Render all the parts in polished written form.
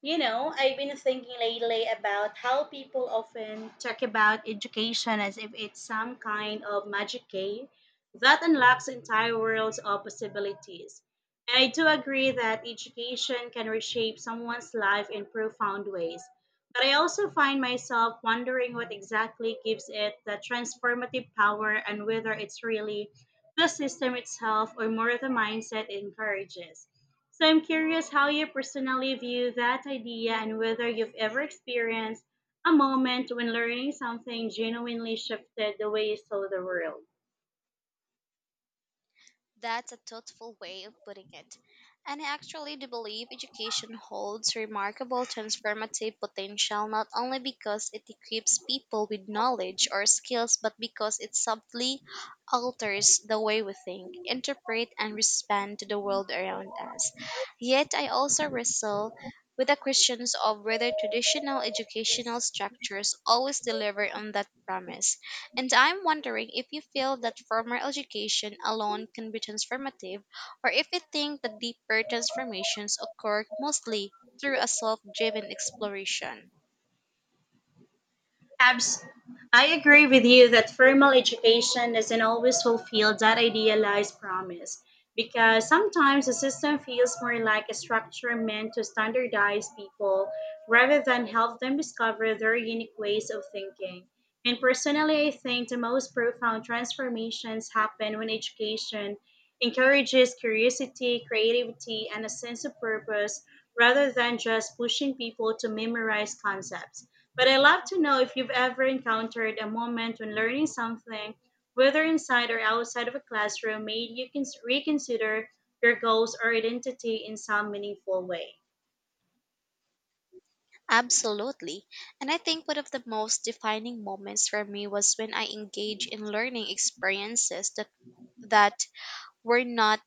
You know, I've been thinking lately about how people often talk about education as if it's some kind of magic key that unlocks entire worlds of possibilities. And I do agree that education can reshape someone's life in profound ways. But I also find myself wondering what exactly gives it the transformative power and whether it's really the system itself or more the mindset it encourages. So I'm curious how you personally view that idea and whether you've ever experienced a moment when learning something genuinely shifted the way you saw the world. That's a thoughtful way of putting it. And I actually do believe education holds remarkable transformative potential, not only because it equips people with knowledge or skills, but because it subtly alters the way we think, interpret, and respond to the world around us. Yet I also wrestle with the questions of whether traditional educational structures always deliver on that promise, and I'm wondering if you feel that formal education alone can be transformative, or if you think that deeper transformations occur mostly through a self driven exploration. Abs- I agree with you that formal education doesn't always fulfill that idealized promise because sometimes the system feels more like a structure meant to standardize people rather than help them discover their unique ways of thinking. And personally, I think the most profound transformations happen when education encourages curiosity, creativity, and a sense of purpose rather than just pushing people to memorize concepts. But I'd love to know if you've ever encountered a moment when learning something, whether inside or outside of a classroom, made you reconsider your goals or identity in some meaningful way. Absolutely. And I think one of the most defining moments for me was when I engaged in learning experiences that were not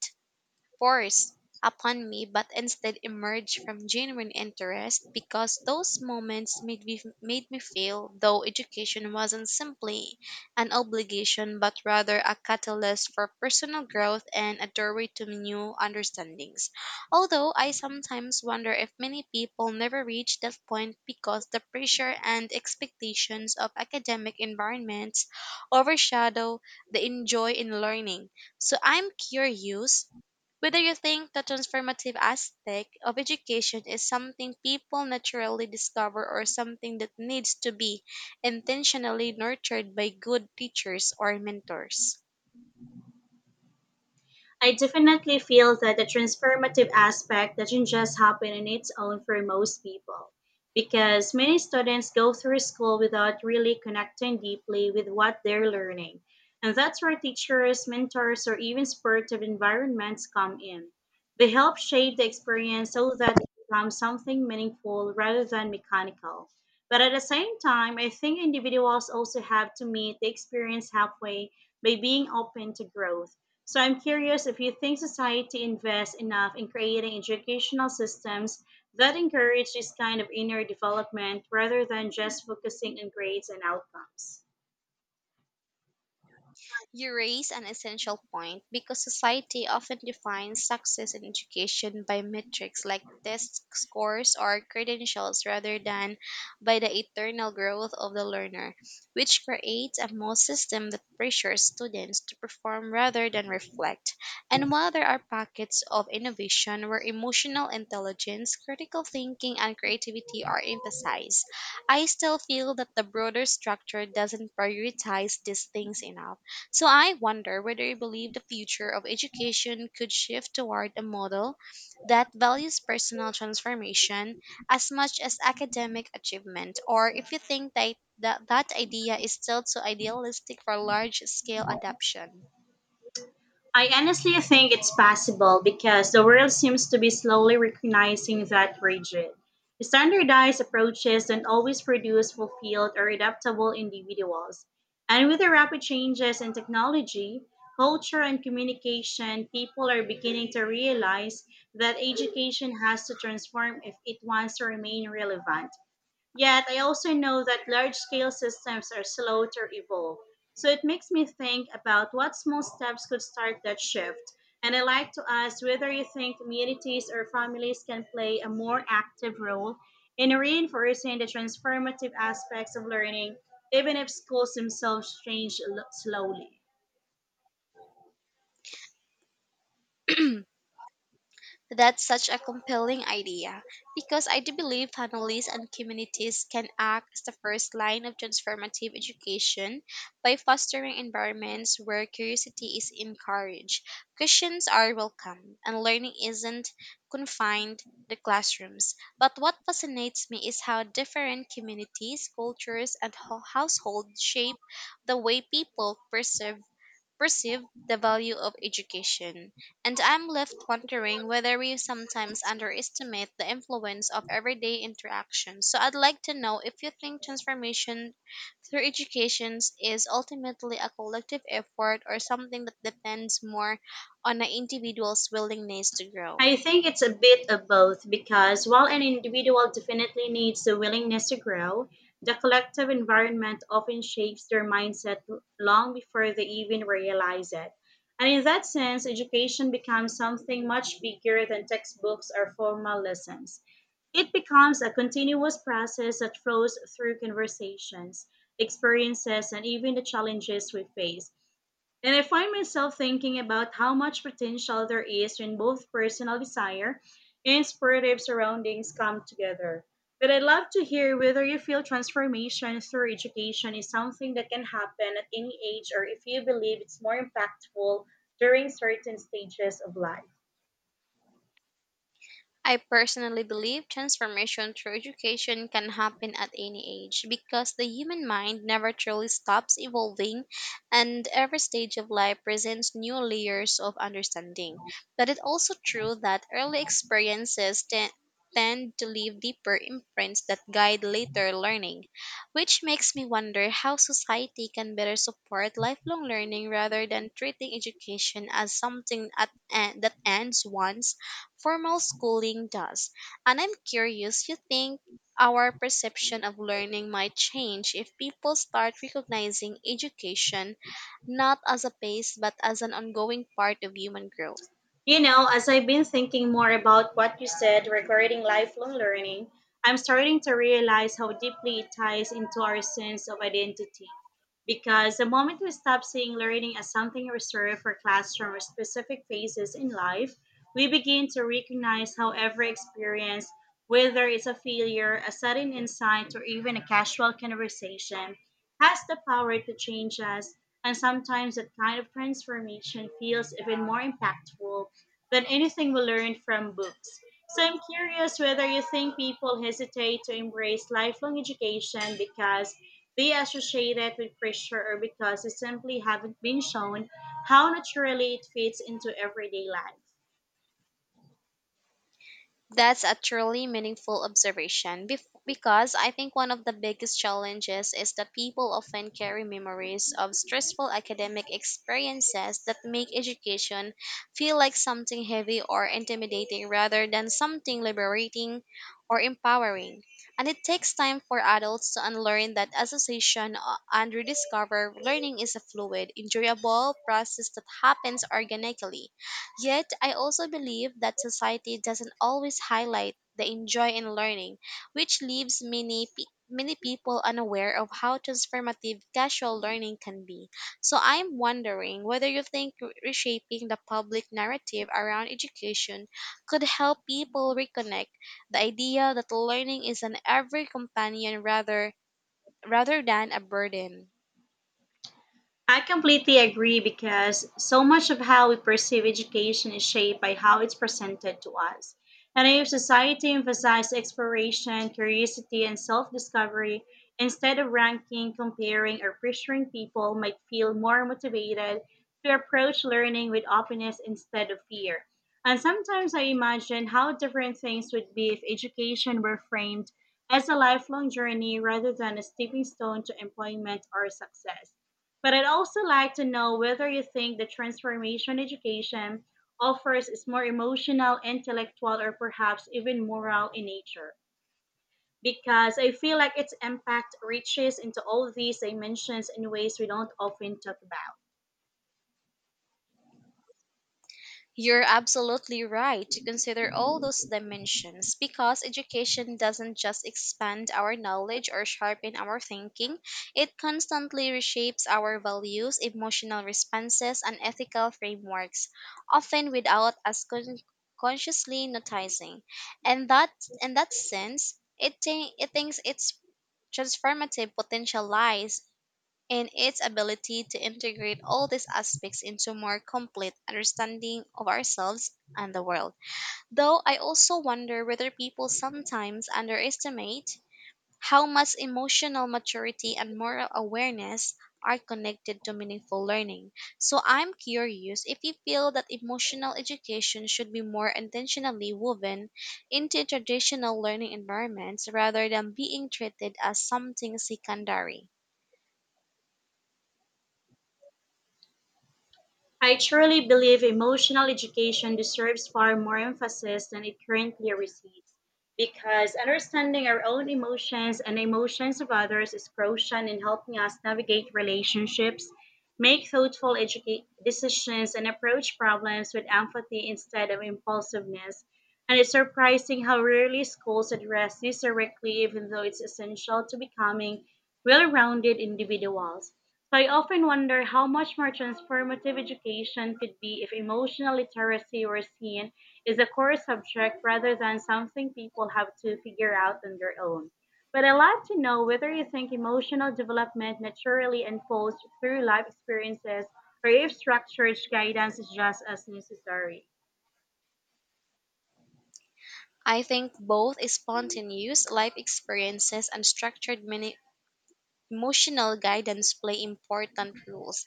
forced upon me, but instead emerged from genuine interest, because those moments made me feel though education wasn't simply an obligation, but rather a catalyst for personal growth and a doorway to new understandings. Although I sometimes wonder if many people never reach that point because the pressure and expectations of academic environments overshadow the enjoy in learning. So I'm curious whether you think the transformative aspect of education is something people naturally discover, or something that needs to be intentionally nurtured by good teachers or mentors. I definitely feel that the transformative aspect doesn't just happen on its own for most people, because many students go through school without really connecting deeply with what they're learning. And that's where teachers, mentors, or even supportive environments come in. They help shape the experience so that it becomes something meaningful rather than mechanical. But at the same time, I think individuals also have to meet the experience halfway by being open to growth, so I'm curious if you think society invests enough in creating educational systems that encourage this kind of inner development rather than just focusing on grades and outcomes. You raise an essential point, because society often defines success in education by metrics like test scores or credentials, rather than by the eternal growth of the learner, which creates a model system that pressures students to perform rather than reflect. And while there are pockets of innovation where emotional intelligence, critical thinking, and creativity are emphasized, I still feel that the broader structure doesn't prioritize these things enough. So I wonder whether you believe the future of education could shift toward a model that values personal transformation as much as academic achievement, or if you think that idea is still too idealistic for large scale adoption. I honestly think it's possible because the world seems to be slowly recognizing that rigid, standardized approaches don't always produce fulfilled or adaptable individuals. And with the rapid changes in technology, culture, and communication, people are beginning to realize that education has to transform if it wants to remain relevant. Yet I also know that large scale systems are slow to evolve. So it makes me think about what small steps could start that shift. And I like to ask whether you think communities or families can play a more active role in reinforcing the transformative aspects of learning, even if schools themselves change slowly. That's such a compelling idea, because I do believe families and communities can act as the first line of transformative education by fostering environments where curiosity is encouraged, questions are welcome, and learning isn't confined to classrooms. But what fascinates me is how different communities, cultures, and households shape the way people perceive the value of education, and I'm left wondering whether we sometimes underestimate the influence of everyday interactions. So I'd like to know if you think transformation through education is ultimately a collective effort, or something that depends more on an individual's willingness to grow. I think it's a bit of both because while an individual definitely needs the willingness to grow, the collective environment often shapes their mindset long before they even realize it. And in that sense, education becomes something much bigger than textbooks or formal lessons. It becomes a continuous process that flows through conversations, experiences, and even the challenges we face. And I find myself thinking about how much potential there is when both personal desire and supportive surroundings come together. But I'd love to hear whether you feel transformation through education is something that can happen at any age or if you believe it's more impactful during certain stages of life. I personally believe transformation through education can happen at any age, because the human mind never truly stops evolving and every stage of life presents new layers of understanding. But it's also true that early experiences tend to leave deeper imprints that guide later learning, which makes me wonder how society can better support lifelong learning rather than treating education as something that ends once formal schooling does. And I'm curious, you think our perception of learning might change if people start recognizing education not as a pace, but as an ongoing part of human growth? You know, as I've been thinking more about what you said regarding lifelong learning, I'm starting to realize how deeply it ties into our sense of identity. Because the moment we stop seeing learning as something reserved for classroom or specific phases in life, we begin to recognize how every experience, whether it's a failure, a sudden insight, or even a casual conversation, has the power to change us. And sometimes that kind of transformation feels even more impactful than anything we learn from books. So I'm curious whether you think people hesitate to embrace lifelong education because they associate it with pressure or because they simply haven't been shown how naturally it fits into everyday life. That's a truly meaningful observation, because I think one of the biggest challenges is that people often carry memories of stressful academic experiences that make education feel like something heavy or intimidating, rather than something liberating or empowering. And it takes time for adults to unlearn that association and rediscover learning is a fluid, enjoyable process that happens organically. Yet, I also believe that society doesn't always highlight the enjoy in learning, which leaves many people unaware of how transformative casual learning can be. So I'm wondering whether you think reshaping the public narrative around education could help people reconnect the idea that learning is an every companion, rather than a burden. I completely agree because so much of how we perceive education is shaped by how it's presented to us. And if society emphasizes exploration, curiosity, and self discovery instead of ranking, comparing, or pressuring people, might feel more motivated to approach learning with openness instead of fear. And sometimes I imagine how different things would be if education were framed as a lifelong journey rather than a stepping stone to employment or success, but I'd also like to know whether you think the transformation education offers is more emotional, intellectual, or perhaps even moral in nature. Because I feel like its impact reaches into all these dimensions in ways we don't often talk about. You're absolutely right to consider all those dimensions, because education doesn't just expand our knowledge or sharpen our thinking, it constantly reshapes our values, emotional responses, and ethical frameworks, often without us consciously noticing. And that in that sense, it thinks its transformative potential lies and its ability to integrate all these aspects into more complete understanding of ourselves and the world. Though I also wonder whether people sometimes underestimate how much emotional maturity and moral awareness are connected to meaningful learning. So I'm curious if you feel that emotional education should be more intentionally woven into traditional learning environments, rather than being treated as something secondary. I truly believe emotional education deserves far more emphasis than it currently receives because understanding our own emotions and emotions of others is crucial in helping us navigate relationships, make thoughtful decisions, and approach problems with empathy instead of impulsiveness. And it's surprising how rarely schools address this directly, even though it's essential to becoming well rounded individuals. So I often wonder how much more transformative education could be if emotional literacy were seen as a core subject rather than something people have to figure out on their own. But I'd love to know whether you think emotional development naturally unfolds through life experiences or if structured guidance is just as necessary. I think both spontaneous life experiences and structured emotional guidance play important roles,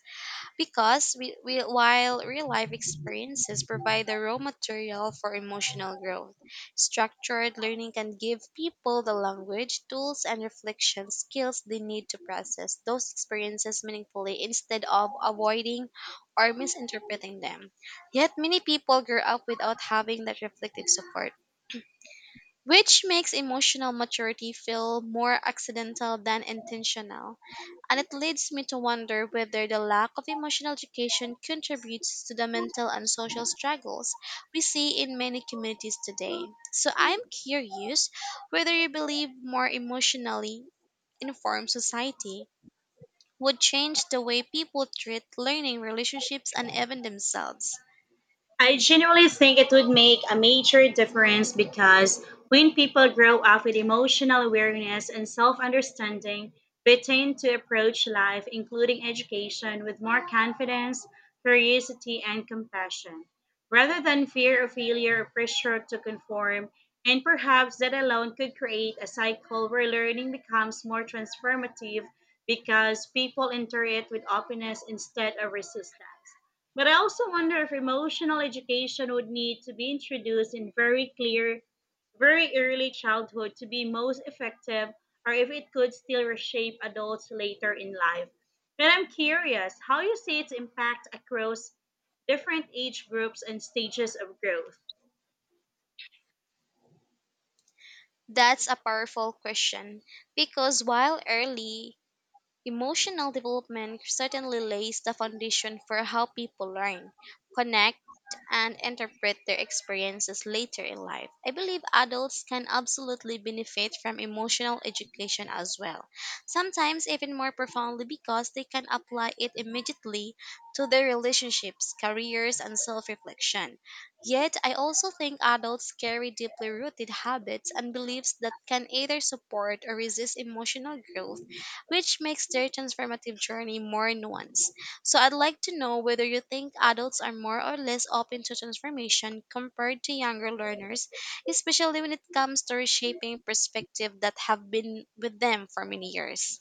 because while real life experiences provide the raw material for emotional growth, structured learning can give people the language, tools, and reflection skills they need to process those experiences meaningfully, instead of avoiding or misinterpreting them. Yet, many people grow up without having that reflective support, which makes emotional maturity feel more accidental than intentional. And it leads me to wonder whether the lack of emotional education contributes to the mental and social struggles we see in many communities today. So I'm curious whether you believe more emotionally informed society would change the way people treat learning relationships and even themselves. I genuinely think it would make a major difference because when people grow up with emotional awareness and self understanding, they tend to approach life, including education, with more confidence, curiosity, and compassion, rather than fear of failure or pressure to conform. And perhaps that alone could create a cycle where learning becomes more transformative because people enter it with openness instead of resistance. But I also wonder if emotional education would need to be introduced in very clear, very early childhood to be most effective, or if it could still reshape adults later in life. And I'm curious how you see its impact across different age groups and stages of growth. That's a powerful question, because while early emotional development certainly lays the foundation for how people learn, connect, and interpret their experiences later in life, I believe adults can absolutely benefit from emotional education as well, sometimes even more profoundly, because they can apply it immediately to their relationships, careers, and self reflection. Yet, I also think adults carry deeply rooted habits and beliefs that can either support or resist emotional growth, which makes their transformative journey more nuanced. So I'd like to know whether you think adults are more or less open to transformation compared to younger learners, especially when it comes to reshaping perspective that have been with them for many years.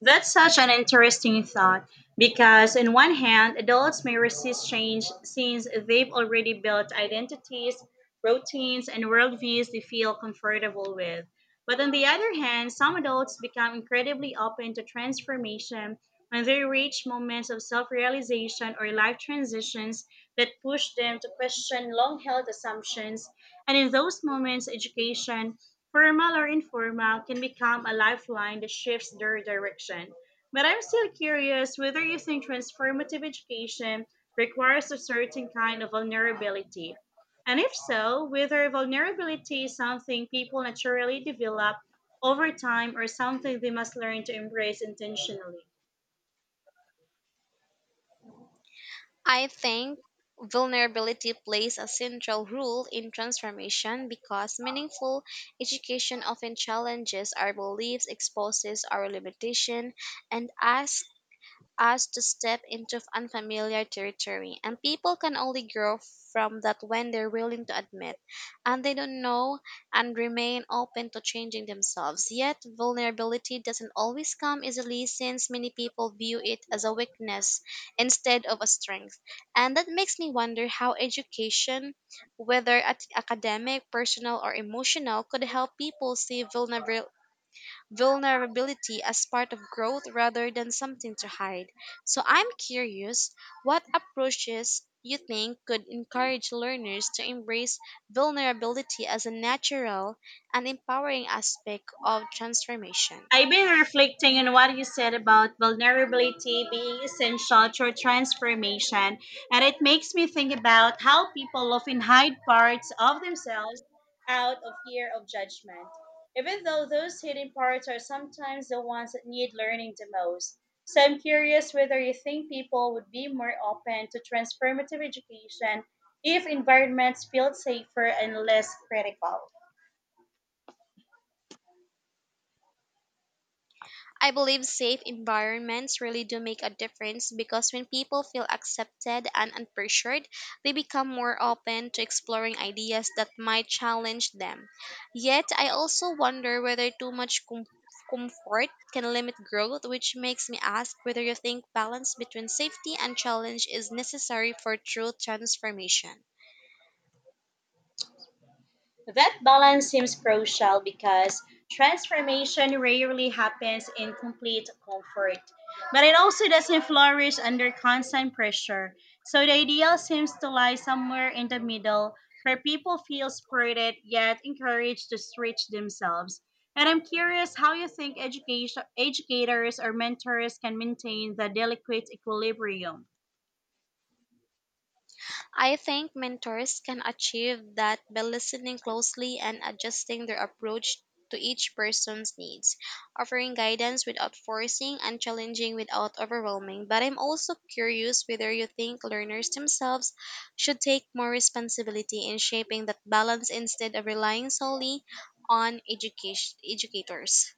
That's such an interesting thought because, on one hand, adults may resist change since they've already built identities, routines, and worldviews they feel comfortable with. But on the other hand, some adults become incredibly open to transformation when they reach moments of self realization or life transitions that push them to question long held assumptions. And in those moments, education, formal or informal, can become a lifeline that shifts their direction. But I'm still curious whether you think transformative education requires a certain kind of vulnerability. And if so, whether vulnerability is something people naturally develop over time or something they must learn to embrace intentionally. I think vulnerability plays a central role in transformation, because meaningful education often challenges our beliefs, exposes our limitation, and asks us to step into unfamiliar territory. And people can only grow from that when they're willing to admit and they don't know and remain open to changing themselves. Yet, vulnerability doesn't always come easily, since many people view it as a weakness instead of a strength. And that makes me wonder how education, whether at academic, personal, or emotional, could help people see vulnerability as part of growth rather than something to hide. So I'm curious what approaches you think could encourage learners to embrace vulnerability as a natural and empowering aspect of transformation. I've been reflecting on what you said about vulnerability being essential to transformation, and it makes me think about how people often hide parts of themselves out of fear of judgment, even though those hidden parts are sometimes the ones that need learning the most. So I'm curious whether you think people would be more open to transformative education if environments feel safer and less critical. I believe safe environments really do make a difference, because when people feel accepted and unpressured, they become more open to exploring ideas that might challenge them. Yet, I also wonder whether too much comfort can limit growth, which makes me ask whether you think balance between safety and challenge is necessary for true transformation. That balance seems crucial because transformation rarely happens in complete comfort, but it also doesn't flourish under constant pressure. So the ideal seems to lie somewhere in the middle where people feel supported yet encouraged to stretch themselves. And I'm curious how you think education, educators or mentors can maintain the delicate equilibrium. I think mentors can achieve that by listening closely and adjusting their approach to each person's needs, offering guidance without forcing and challenging without overwhelming. But I'm also curious whether you think learners themselves should take more responsibility in shaping that balance, instead of relying solely on educators.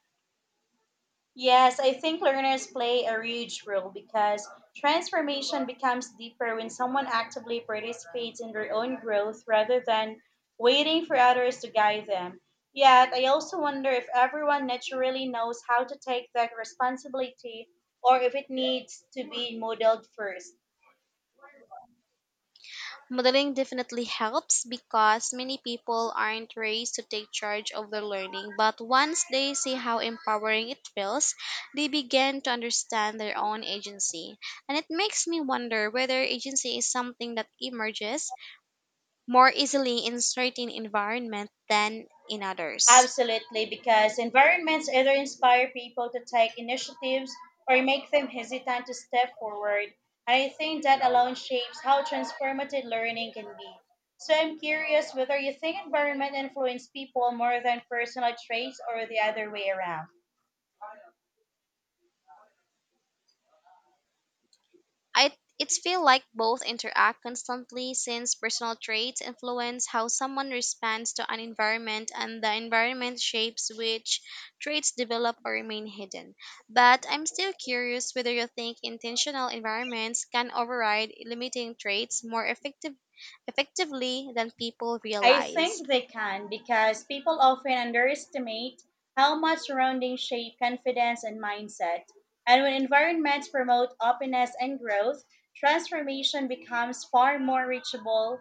Yes, I think learners play a huge role because transformation becomes deeper when someone actively participates in their own growth rather than waiting for others to guide them. Yet, I also wonder if everyone naturally knows how to take that responsibility or if it needs to be modeled first. Modeling definitely helps, because many people aren't raised to take charge of their learning, but once they see how empowering it feels, they begin to understand their own agency. And it makes me wonder whether agency is something that emerges more easily in certain environments than in others. Absolutely, because environments either inspire people to take initiatives or make them hesitant to step forward. And I think that alone shapes how transformative learning can be. So I'm curious whether you think environment influence people more than personal traits or the other way around. I it's feel like both interact constantly, since personal traits influence how someone responds to an environment and the environment shapes which traits develop or remain hidden. But I'm still curious whether you think intentional environments can override limiting traits more effectively than people I realize. think they can because people often underestimate how much surroundings shape confidence and mindset. And when environments promote openness and growth, transformation becomes far more reachable.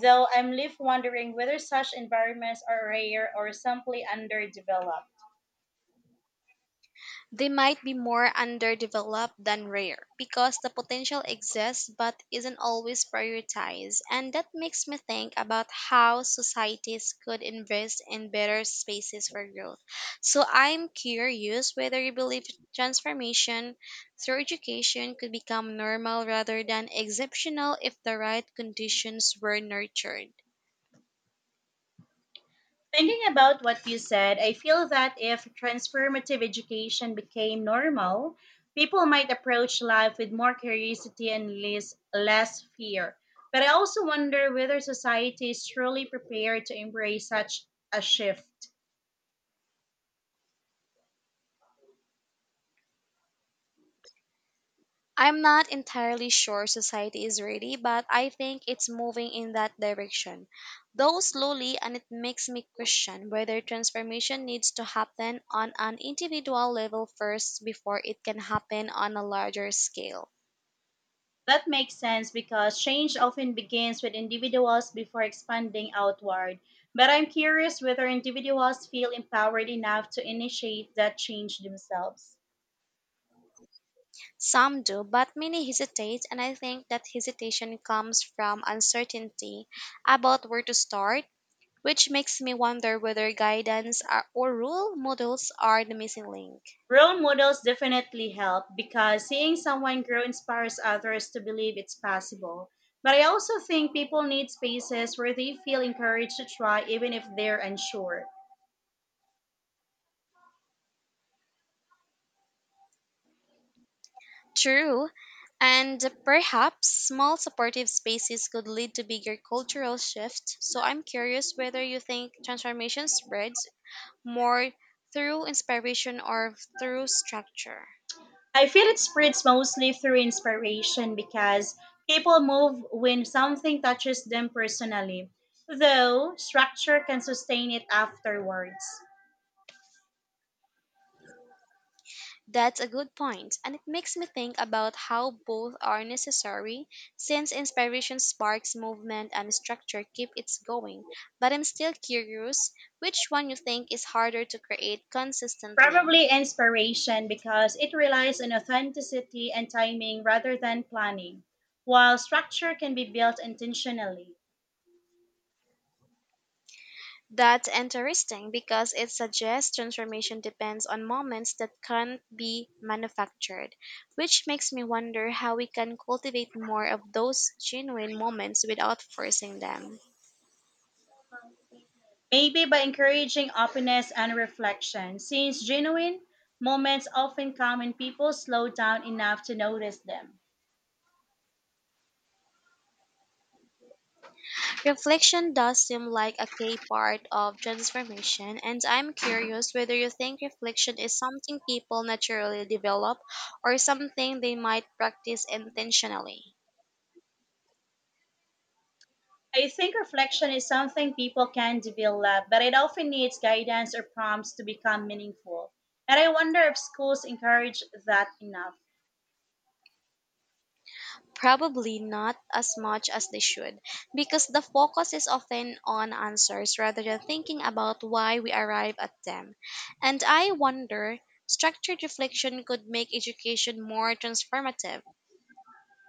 Though I'm left wondering whether such environments are rare or simply underdeveloped. They might be more underdeveloped than rare, because the potential exists but isn't always prioritized, and that makes me think about how societies could invest in better spaces for growth. So I'm curious whether you believe transformation through education could become normal rather than exceptional, if the right conditions were nurtured. Thinking about what you said, I feel that if transformative education became normal, people might approach life with more curiosity and less fear. But I also wonder whether society is truly prepared to embrace such a shift. I'm not entirely sure society is ready, but I think it's moving in that direction, though slowly, and it makes me question whether transformation needs to happen on an individual level first, before it can happen on a larger scale. That makes sense because change often begins with individuals before expanding outward. But I'm curious whether individuals feel empowered enough to initiate that change themselves. Some do, but many hesitate, and I think that hesitation comes from uncertainty about where to start, which makes me wonder whether guidance are- or role models are the missing link. Role models definitely help because seeing someone grow inspires others to believe it's possible. But I also think people need spaces where they feel encouraged to try even if they're unsure. True, and perhaps small supportive spaces could lead to bigger cultural shifts. So I'm curious whether you think transformation spreads more through inspiration or through structure. I feel it spreads mostly through inspiration because people move when something touches them personally, though structure can sustain it afterwards. That's a good point, and it makes me think about how both are necessary, since inspiration sparks movement and structure keep it going. But I'm still curious which one you think is harder to create consistently. Probably inspiration because it relies on authenticity and timing rather than planning, while structure can be built intentionally. That's interesting, because it suggests transformation depends on moments that can't be manufactured, which makes me wonder how we can cultivate more of those genuine moments without forcing them. Maybe by encouraging openness and reflection, since genuine moments often come when people slow down enough to notice them. Reflection does seem like a key part of transformation, and I'm curious whether you think reflection is something people naturally develop or something they might practice intentionally. I think reflection is something people can develop, but it often needs guidance or prompts to become meaningful. And I wonder if schools encourage that enough. Probably not as much as they should, because the focus is often on answers rather than thinking about why we arrive at them. And I wonder, structured reflection could make education more transformative.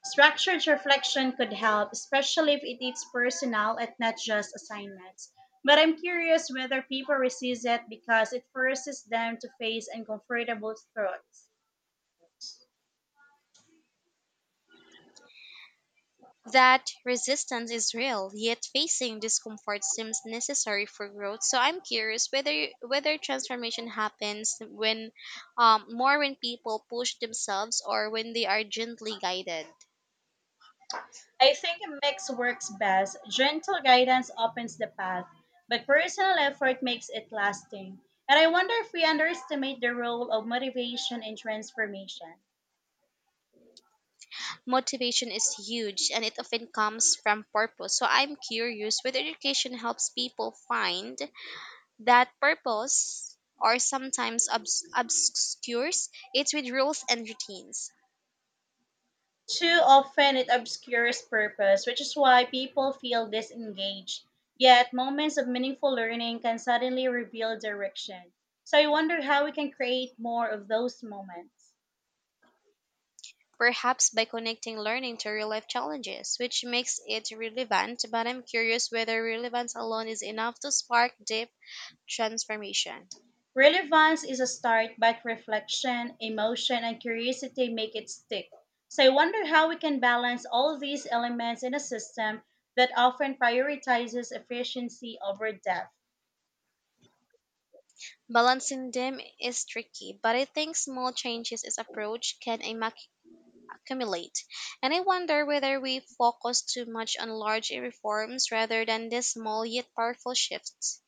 Structured reflection could help, especially if it is personal and not just assignments. But I'm curious whether people resist it because it forces them to face uncomfortable thoughts. That resistance is real, yet facing discomfort seems necessary for growth. So I'm curious whether transformation happens when more when people push themselves, or when they are gently guided. I think a mix works best. Gentle guidance opens the path, but personal effort makes it lasting. And I wonder if we underestimate the role of motivation in transformation. Motivation is huge, and it often comes from purpose. So I'm curious whether education helps people find that purpose, or sometimes obscures it with rules and routines. Too often it obscures purpose, which is why people feel disengaged. Yet, moments of meaningful learning can suddenly reveal direction. So, I wonder how we can create more of those moments. Perhaps by connecting learning to real life challenges, which makes it relevant, but I'm curious whether relevance alone is enough to spark deep transformation. Relevance is a start, but reflection, emotion, and curiosity make it stick. So, I wonder how we can balance all these elements in a system that often prioritizes efficiency over depth. Balancing them is tricky, but I think small changes in approach can accumulate. And I wonder whether we focus too much on large reforms, rather than these small yet powerful shifts.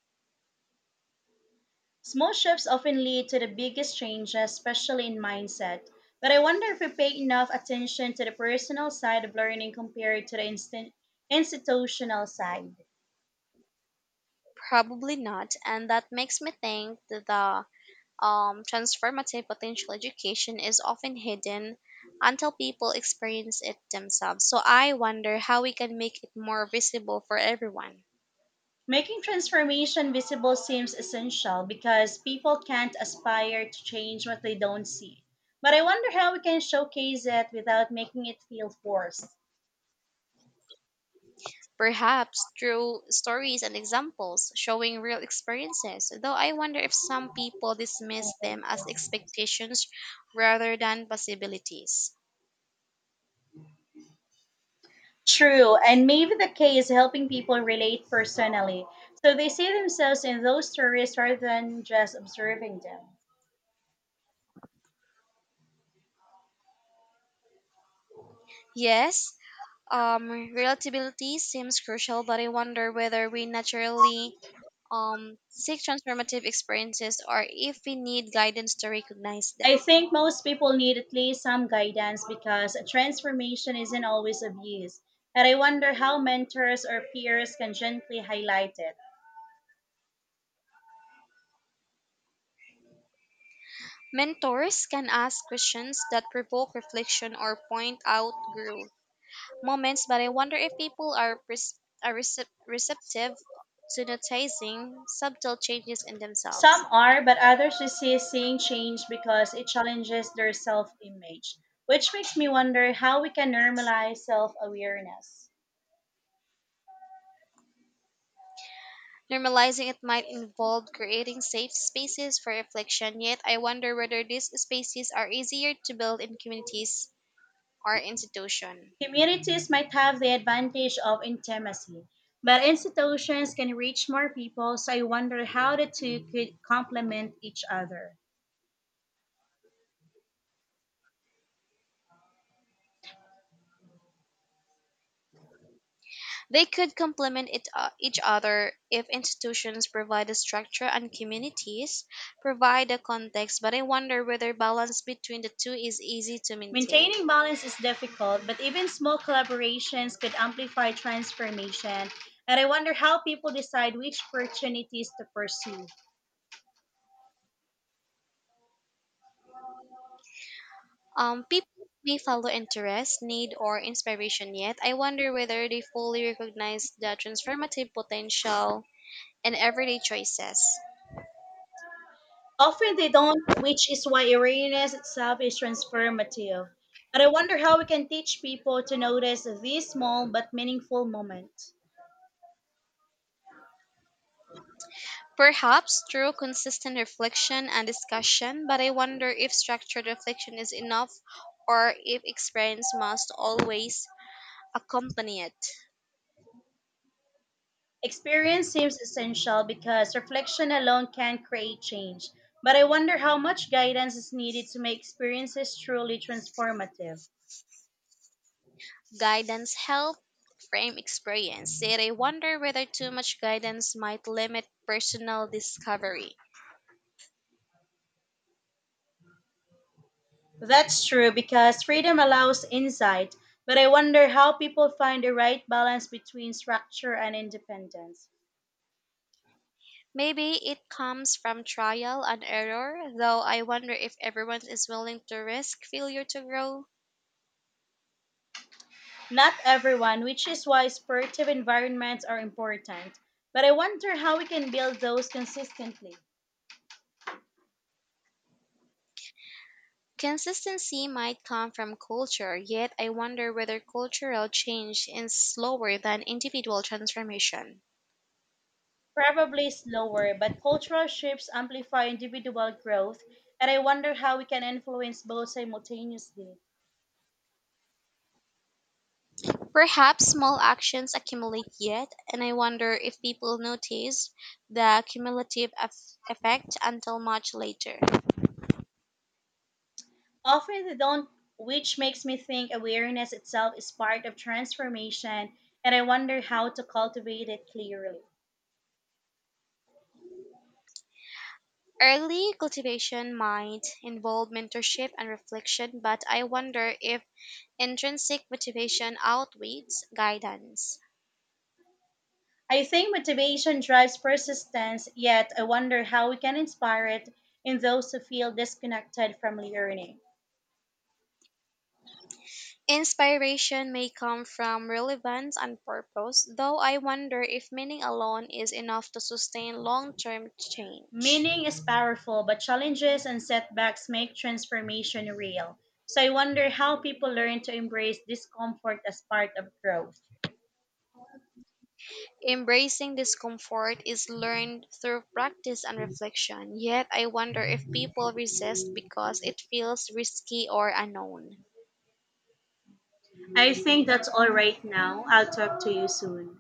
Small shifts often lead to the biggest changes, especially in mindset. But I wonder if we pay enough attention to the personal side of learning compared to the instant institutional side. Probably not, and that makes me think that the transformative potential education is often hidden until people experience it themselves. So I wonder how we can make it more visible for everyone. Making transformation visible seems essential because people can't aspire to change what they don't see. But I wonder how we can showcase it without making it feel forced. Perhaps through stories and examples showing real experiences, though I wonder if some people dismiss them as expectations rather than possibilities. True, and maybe the key is helping people relate personally so they see themselves in those stories rather than just observing them. Yes, um, relatability seems crucial, but I wonder whether we naturally seek transformative experiences, or if we need guidance to recognize I them. think most people need at least some guidance because transformation isn't always obvious. And I wonder how mentors or peers can gently highlight it. Mentors can ask questions that provoke reflection or point out growth moments, but I wonder if people are receptive to noticing subtle changes in Some themselves. are, but others resist seeing change because it challenges their self image, which makes me wonder how we can normalize self awareness. Normalizing it might involve creating safe spaces for reflection, yet I wonder whether these spaces are easier to build in communities or institutions. Communities might have the advantage of intimacy, but institutions can reach more people, so I wonder how the two could complement each other. They could complement each other if institutions provide the structure and communities provide the context, but I wonder whether balance between the two is easy to maintain. Maintaining balance is difficult, but even small collaborations could amplify transformation. And I wonder how people decide which opportunities to pursue. People may follow interest, need, or inspiration, yet I wonder whether they fully recognize the transformative potential in everyday choices. Often they don't, which is why awareness itself is transformative. And I wonder how we can teach people to notice these small but meaningful moments. Perhaps through consistent reflection and discussion, but I wonder if structured reflection is enough, or if experience must always accompany it. Experience seems essential because reflection alone can create change. But I wonder how much guidance is needed to make experiences truly transformative. Guidance help frame experience, yet I wonder whether too much guidance might limit personal discovery. That's true because freedom allows insight, but I wonder how people find the right balance between structure and independence. Maybe it comes from trial and error, though I wonder if everyone is willing to risk failure to grow. Not everyone, which is why supportive environments are important, but I wonder how we can build those consistently. Consistency might come from culture, yet I wonder whether cultural change is slower than individual transformation. Probably slower, but cultural shifts amplify individual growth, and I wonder how we can influence both simultaneously. Perhaps small actions accumulate yet, and I wonder if people notice the cumulative effect until much later. Often they don't, which makes me think awareness itself is part of transformation, and I wonder how to cultivate it clearly. Early cultivation might involve mentorship and reflection, but I wonder if intrinsic motivation outweighs guidance. I think motivation drives persistence, yet I wonder how we can inspire it in those who feel disconnected from learning. Inspiration may come from relevance and purpose, though I wonder if meaning alone is enough to sustain long term change. Meaning is powerful, but challenges and setbacks make transformation real. So I wonder how people learn to embrace discomfort as part of growth. Embracing discomfort is learned through practice and reflection, yet I wonder if people resist because it feels risky or unknown. I think that's all right now. I'll talk to you soon.